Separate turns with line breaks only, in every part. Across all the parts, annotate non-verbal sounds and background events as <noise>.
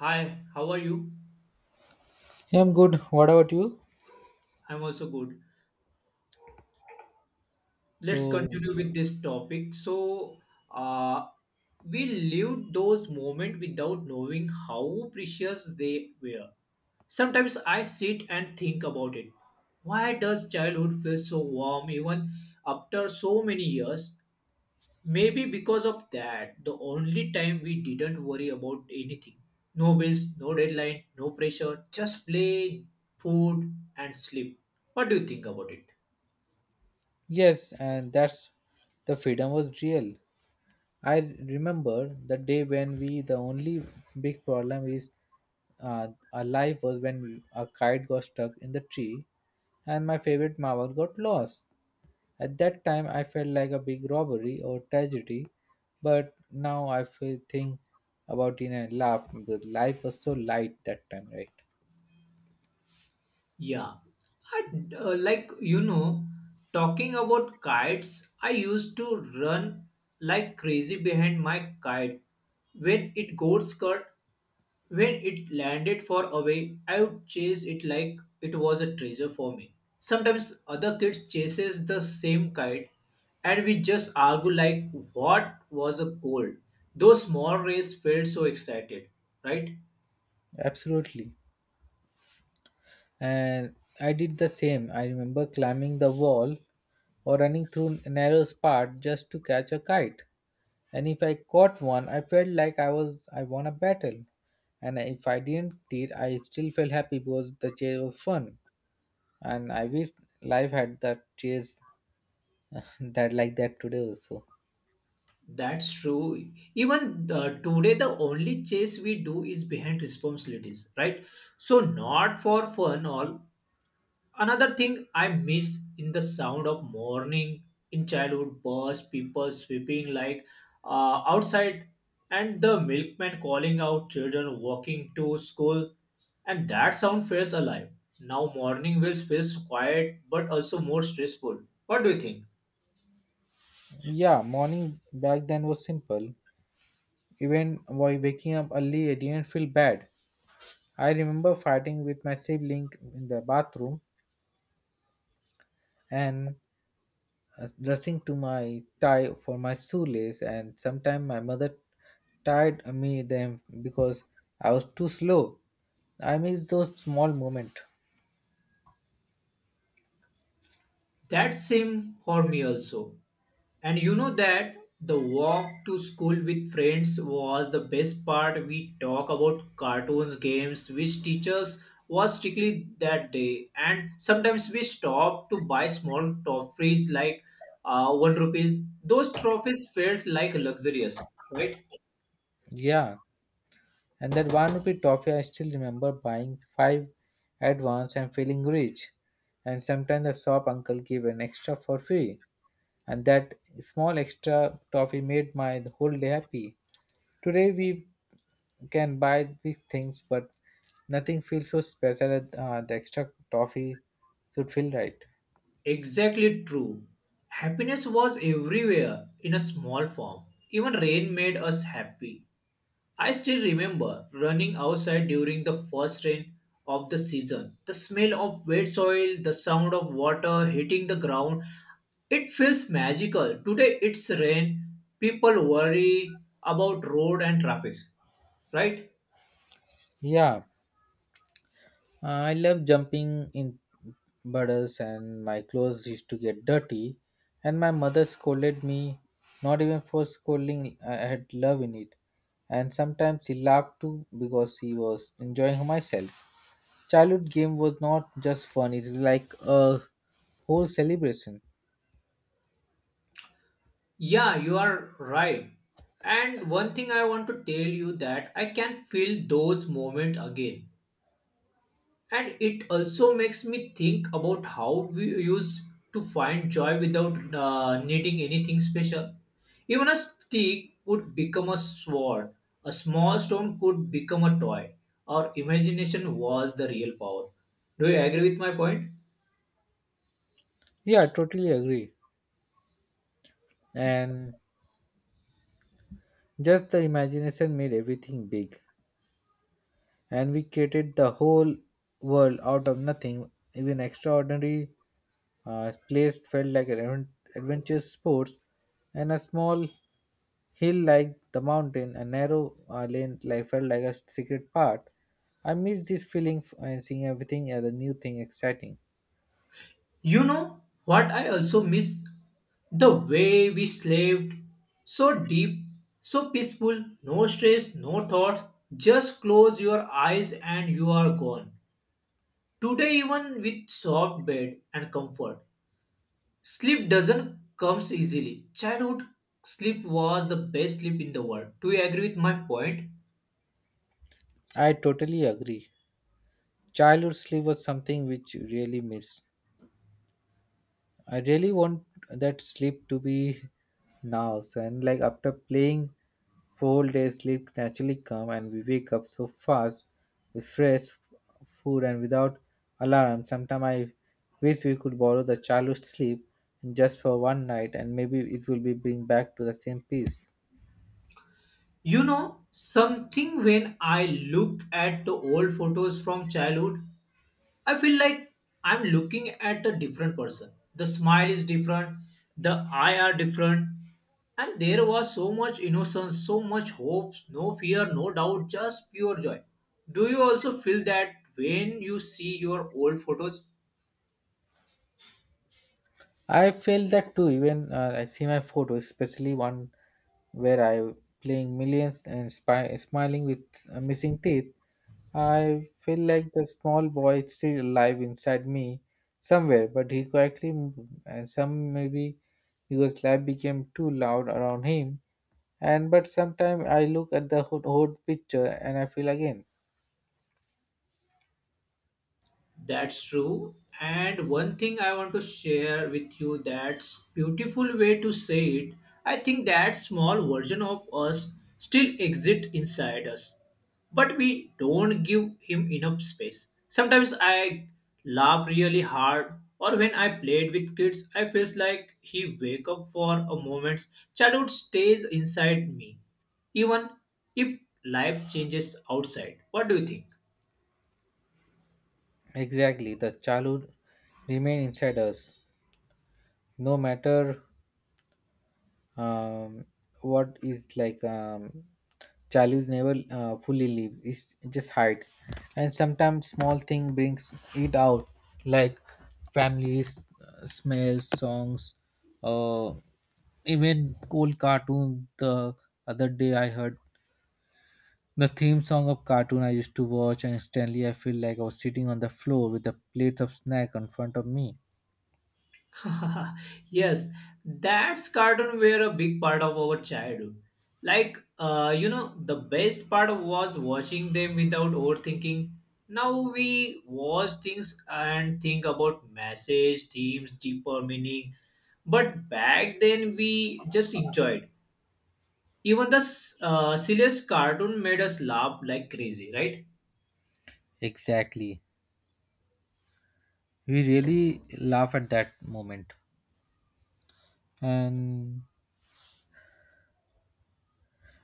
Hi, how are you?
Yeah, I'm good. What about you?
I'm also good. Let's
So,
continue with this topic. Uh, we lived those moments without knowing how precious they were. Sometimes I sit and think about it. Why does childhood feel so warm even after so many years? Maybe because of that, the only time we didn't worry about anything. No bills, no deadline, no pressure, just play, food, and sleep. What do you think about it?
yes, and that's the freedom was real. I remember the day the only big problem is uh, our life was when a kite got stuck in the tree and my favorite marble got lost. At that time, I felt like a big robbery or tragedy, but now I feel think about it and laugh because life was so light that time, right?
Yeah, I like you know, talking about kites, I used to run like crazy behind my kite when it got cut. When it landed far away, I would chase it like it was a treasure for me. Sometimes other kids chases the same kite and we just argue like what was a cold. Those small rays felt so excited, right?
Absolutely. And I did the same. I remember climbing the wall or running through a narrow spot just to catch a kite. And if I caught one, I felt like I won a battle. And if I didn't did, I still felt happy because the chase was fun. And I wish life had that chase <laughs> that today also.
That's true. Even today, the only chase we do is behind responsibilities, right? So not for fun all, another thing I miss in the sound of morning in childhood was people sweeping like outside and the milkman calling out children walking to school and that sound feels alive. Now morning will feels quiet but also more stressful. What do you think?
Yeah, morning back then was simple. Even while waking up early, I didn't feel bad. I remember fighting with my sibling in the bathroom and rushing to my tie for my shoelace, and sometimes my mother tied me them because I was too slow. I miss those small moments.
That same for me also. And you know that the walk to school with friends was the best part. We talk about cartoons, games, which teachers was strictly that day. And sometimes we stop to buy small trophies like one rupees. Those trophies felt like luxurious, right?
Yeah, and that one rupee toffee I still remember buying five at once and feeling rich. And sometimes the shop uncle gave an extra for free, and that small extra toffee made my whole day happy. Today we can buy these things, but nothing feels so special as, the extra toffee should feel, right?
Exactly true. Happiness was everywhere in a small form. Even rain made us happy. I still remember running outside during the first rain of the season. The smell of wet soil, the sound of water hitting the ground, it feels magical. Today it's rain. People worry about road and traffic, right?
Yeah, I love jumping in puddles, and my clothes used to get dirty, and my mother scolded me, not even for scolding. I had love in it, and sometimes she laughed too because she was enjoying myself. Childhood game was not just fun; it was like a whole celebration.
Yeah, you are right. And one thing I want to tell you that I can feel those moments again. And it also makes me think about how we used to find joy without needing anything special. Even a stick could become a sword, a small stone could become a toy. Our imagination was the real power. Do you agree with my point?
Yeah, I totally agree. And just the imagination made everything big, and we created the whole world out of nothing. Even extraordinary place felt like an adventure sports, and a small hill like the mountain, a narrow lane like felt like a secret part. I miss this feeling and seeing everything as a new thing exciting.
You know what I also miss? The way we slept. So deep, so peaceful, no stress, no thoughts. Just close your eyes and you are gone. Today, even with soft bed and comfort, sleep doesn't comes easily. Childhood sleep was the best sleep in the world. Do you agree with my point?
I totally agree. Childhood sleep was something which you really miss. I really want that sleep to be now. So, and like after playing for whole day, sleep naturally come and we wake up so fast with fresh food and without alarm. Sometimes I wish we could borrow the childhood sleep just for one night, and maybe it will be bring back to the same peace.
You know something, when I look at the old photos from childhood, I feel like I'm looking at a different person. The smile is different, the eye are different, and there was so much innocence, so much hope, no fear, no doubt, just pure joy. Do you also feel that when you see your old photos?
I felt that too. Even I see my photos, especially one where I playing millions and smiling with missing teeth. I feel like the small boy is still alive inside me somewhere, but he quietly moved. And some maybe because life became too loud around him. And but sometimes I look at the whole picture and I feel again.
That's true. And one thing I want to share with you that's beautiful way to say it. I think that small version of us still exists inside us, but we don't give him enough space. Sometimes I laugh really hard, or when I played with kids, I feels like he wake up for a moment. Childhood stays inside me, even if life changes outside. What do you think?
Exactly, the childhood remain inside us, no matter um, what is like, childhood never fully leave. It's just hide, and sometimes small thing brings it out, like families, smells, songs, uh, even old cartoon. The other day I heard the theme song of cartoon I used to watch, and instantly I feel like I was sitting on the floor with a plate of snack in front of me.
<laughs> Yes, that's cartoon were a big part of our childhood. The best part was watching them without overthinking. Now we watch things and think about message, themes, deeper meaning. But back then we just enjoyed. Even the silliest cartoon made us laugh like crazy, right?
Exactly, we really laugh at that moment. and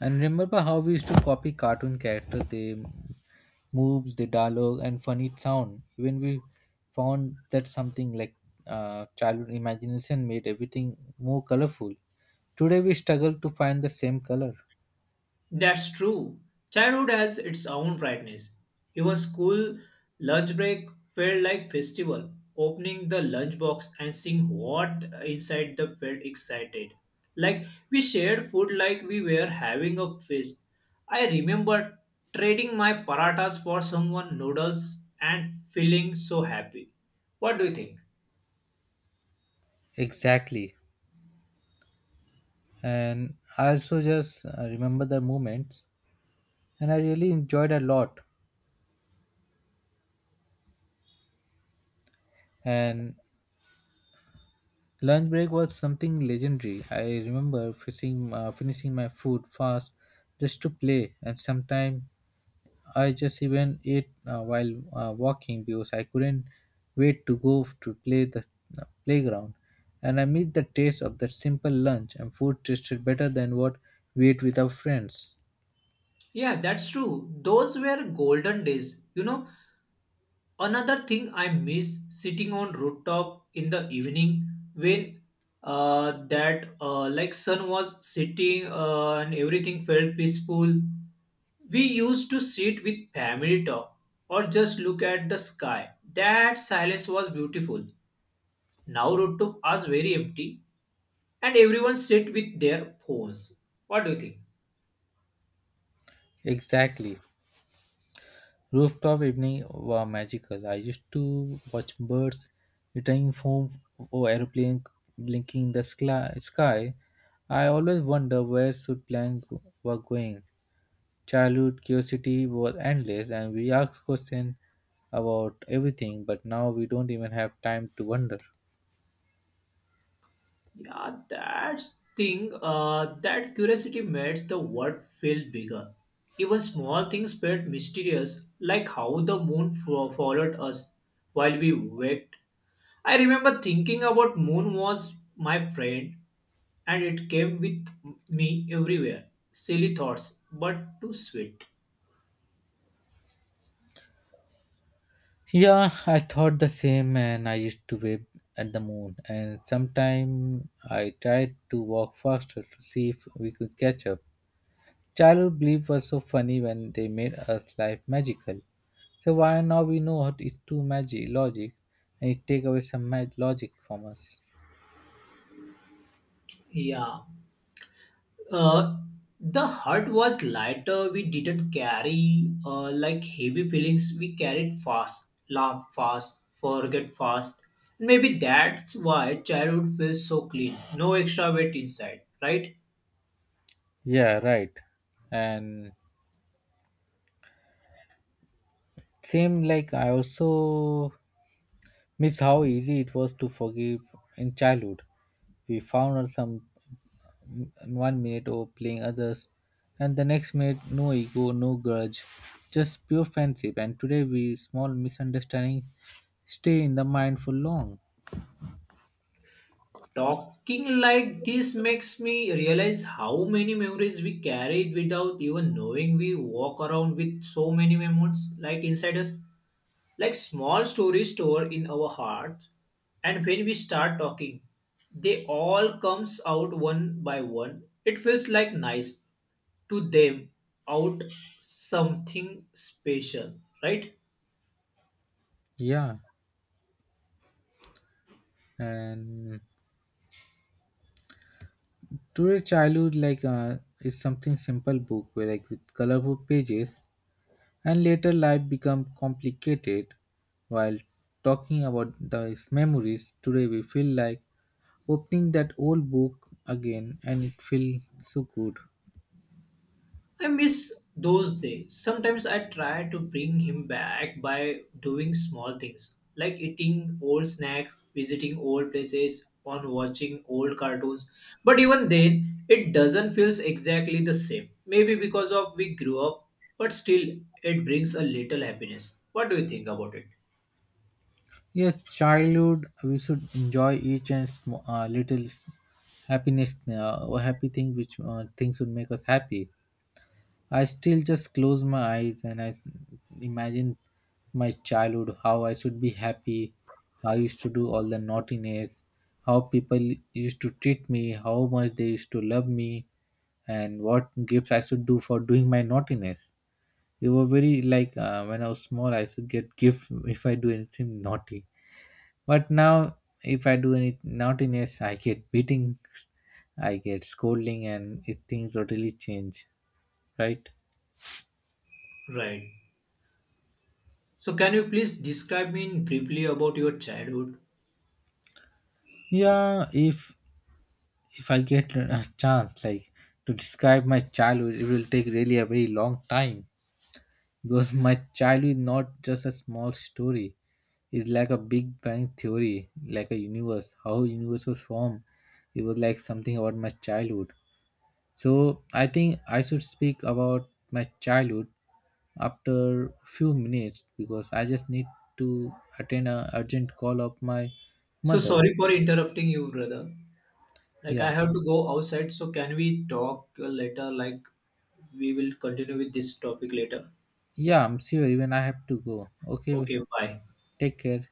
And remember how we used to copy cartoon character, they moves, the dialogue, and funny sound. Even we found that something like, childhood imagination made everything more colorful. Today we struggle to find the same color.
That's true. Childhood has its own brightness. Even school lunch break felt like festival. Opening the lunchbox and seeing what inside the felt excited. Like we shared food like we were having a feast. I remember trading my paratas for someone noodles and feeling so happy. What do you think?
Exactly. And I also just remember the moments, and I really enjoyed a lot. And lunch break was something legendary. I remember finishing my food fast just to play, and sometimes I just even ate while walking because I couldn't wait to go to play the playground. And I miss the taste of that simple lunch, and food tasted better than what we ate with our friends.
Yeah, that's true. Those were golden days. You know, another thing I miss sitting on rooftop in the evening when that like sun was setting and everything felt peaceful. We used to sit with family talk or just look at the sky. That silence was beautiful. Now rooftop is very empty and everyone sit with their phones. What do you think?
Exactly. Rooftop evening were magical. I used to watch birds returning home or aeroplane blinking in the sky. I always wonder where should plane were going. Childhood curiosity was endless, and we asked questions about everything, but now we don't even have time to wonder.
Yeah, that's thing. That curiosity makes the world feel bigger. Even small things felt mysterious, like how the moon followed us while we waked. I remember thinking about moon was my friend, and it came with me everywhere. Silly thoughts, but too sweet.
Yeah, I thought the same, and I used to wave at the moon. And sometimes I tried to walk faster to see if we could catch up. Childhood belief was so funny when they made us life magical. So why now we know it is too magic logic, and it take away some logic from us.
Yeah. Uh, the heart was lighter. We didn't carry like heavy feelings. We carried fast, laugh fast, forget fast. Maybe that's why childhood feels so clean. No extra weight inside, right?
Yeah, right. And same like I also miss how easy it was to forgive in childhood. We found out some in one minute over playing others, and the next minute no ego, no grudge, just pure friendship. And today we small misunderstandings stay in the mind for long.
Talking like this makes me realize how many memories we carried without even knowing we walk around with so many memories like inside us. Like small stories stored in our hearts, and when we start talking, they all comes out one by one. It feels like nice to them out something special, right?
Yeah, and today childhood like, is something simple book where like with colorful pages, and later life become complicated while talking about these memories today we feel like opening that old book again, and it feels so good.
I miss those days. Sometimes I try to bring him back by doing small things like eating old snacks, visiting old places, on watching old cartoons. But even then, it doesn't feel exactly the same. Maybe because of we grew up, but still it brings a little happiness. What do you think about it?
Yeah, childhood we should enjoy each and little happiness, or happy thing which things would make us happy. I still just close my eyes and I imagine my childhood, how I should be happy, how I used to do all the naughtiness, how people used to treat me, how much they used to love me, and what gifts I should do for doing my naughtiness. They were very like, when I was small, I should get gift if I do anything naughty. But now, if I do any naughtiness, I get beatings, I get scolding, and it, things totally change, right?
Right. So can you please describe me briefly about your childhood?
Yeah, if I get a chance, like to describe my childhood, it will take really a very long time because my childhood is not just a small story. It's like a Big Bang theory, like a universe, how universe was formed. It was like something about my childhood. So I think I should speak about my childhood after few minutes because I just need to attend a urgent call of my
So
mother.
sorry for interrupting you, brother. Like
Yeah.
I have to go outside, so can we talk later? Like we will continue with this topic later.
Yeah, I'm sure even I have to go. Okay,
Okay, bye.
take care.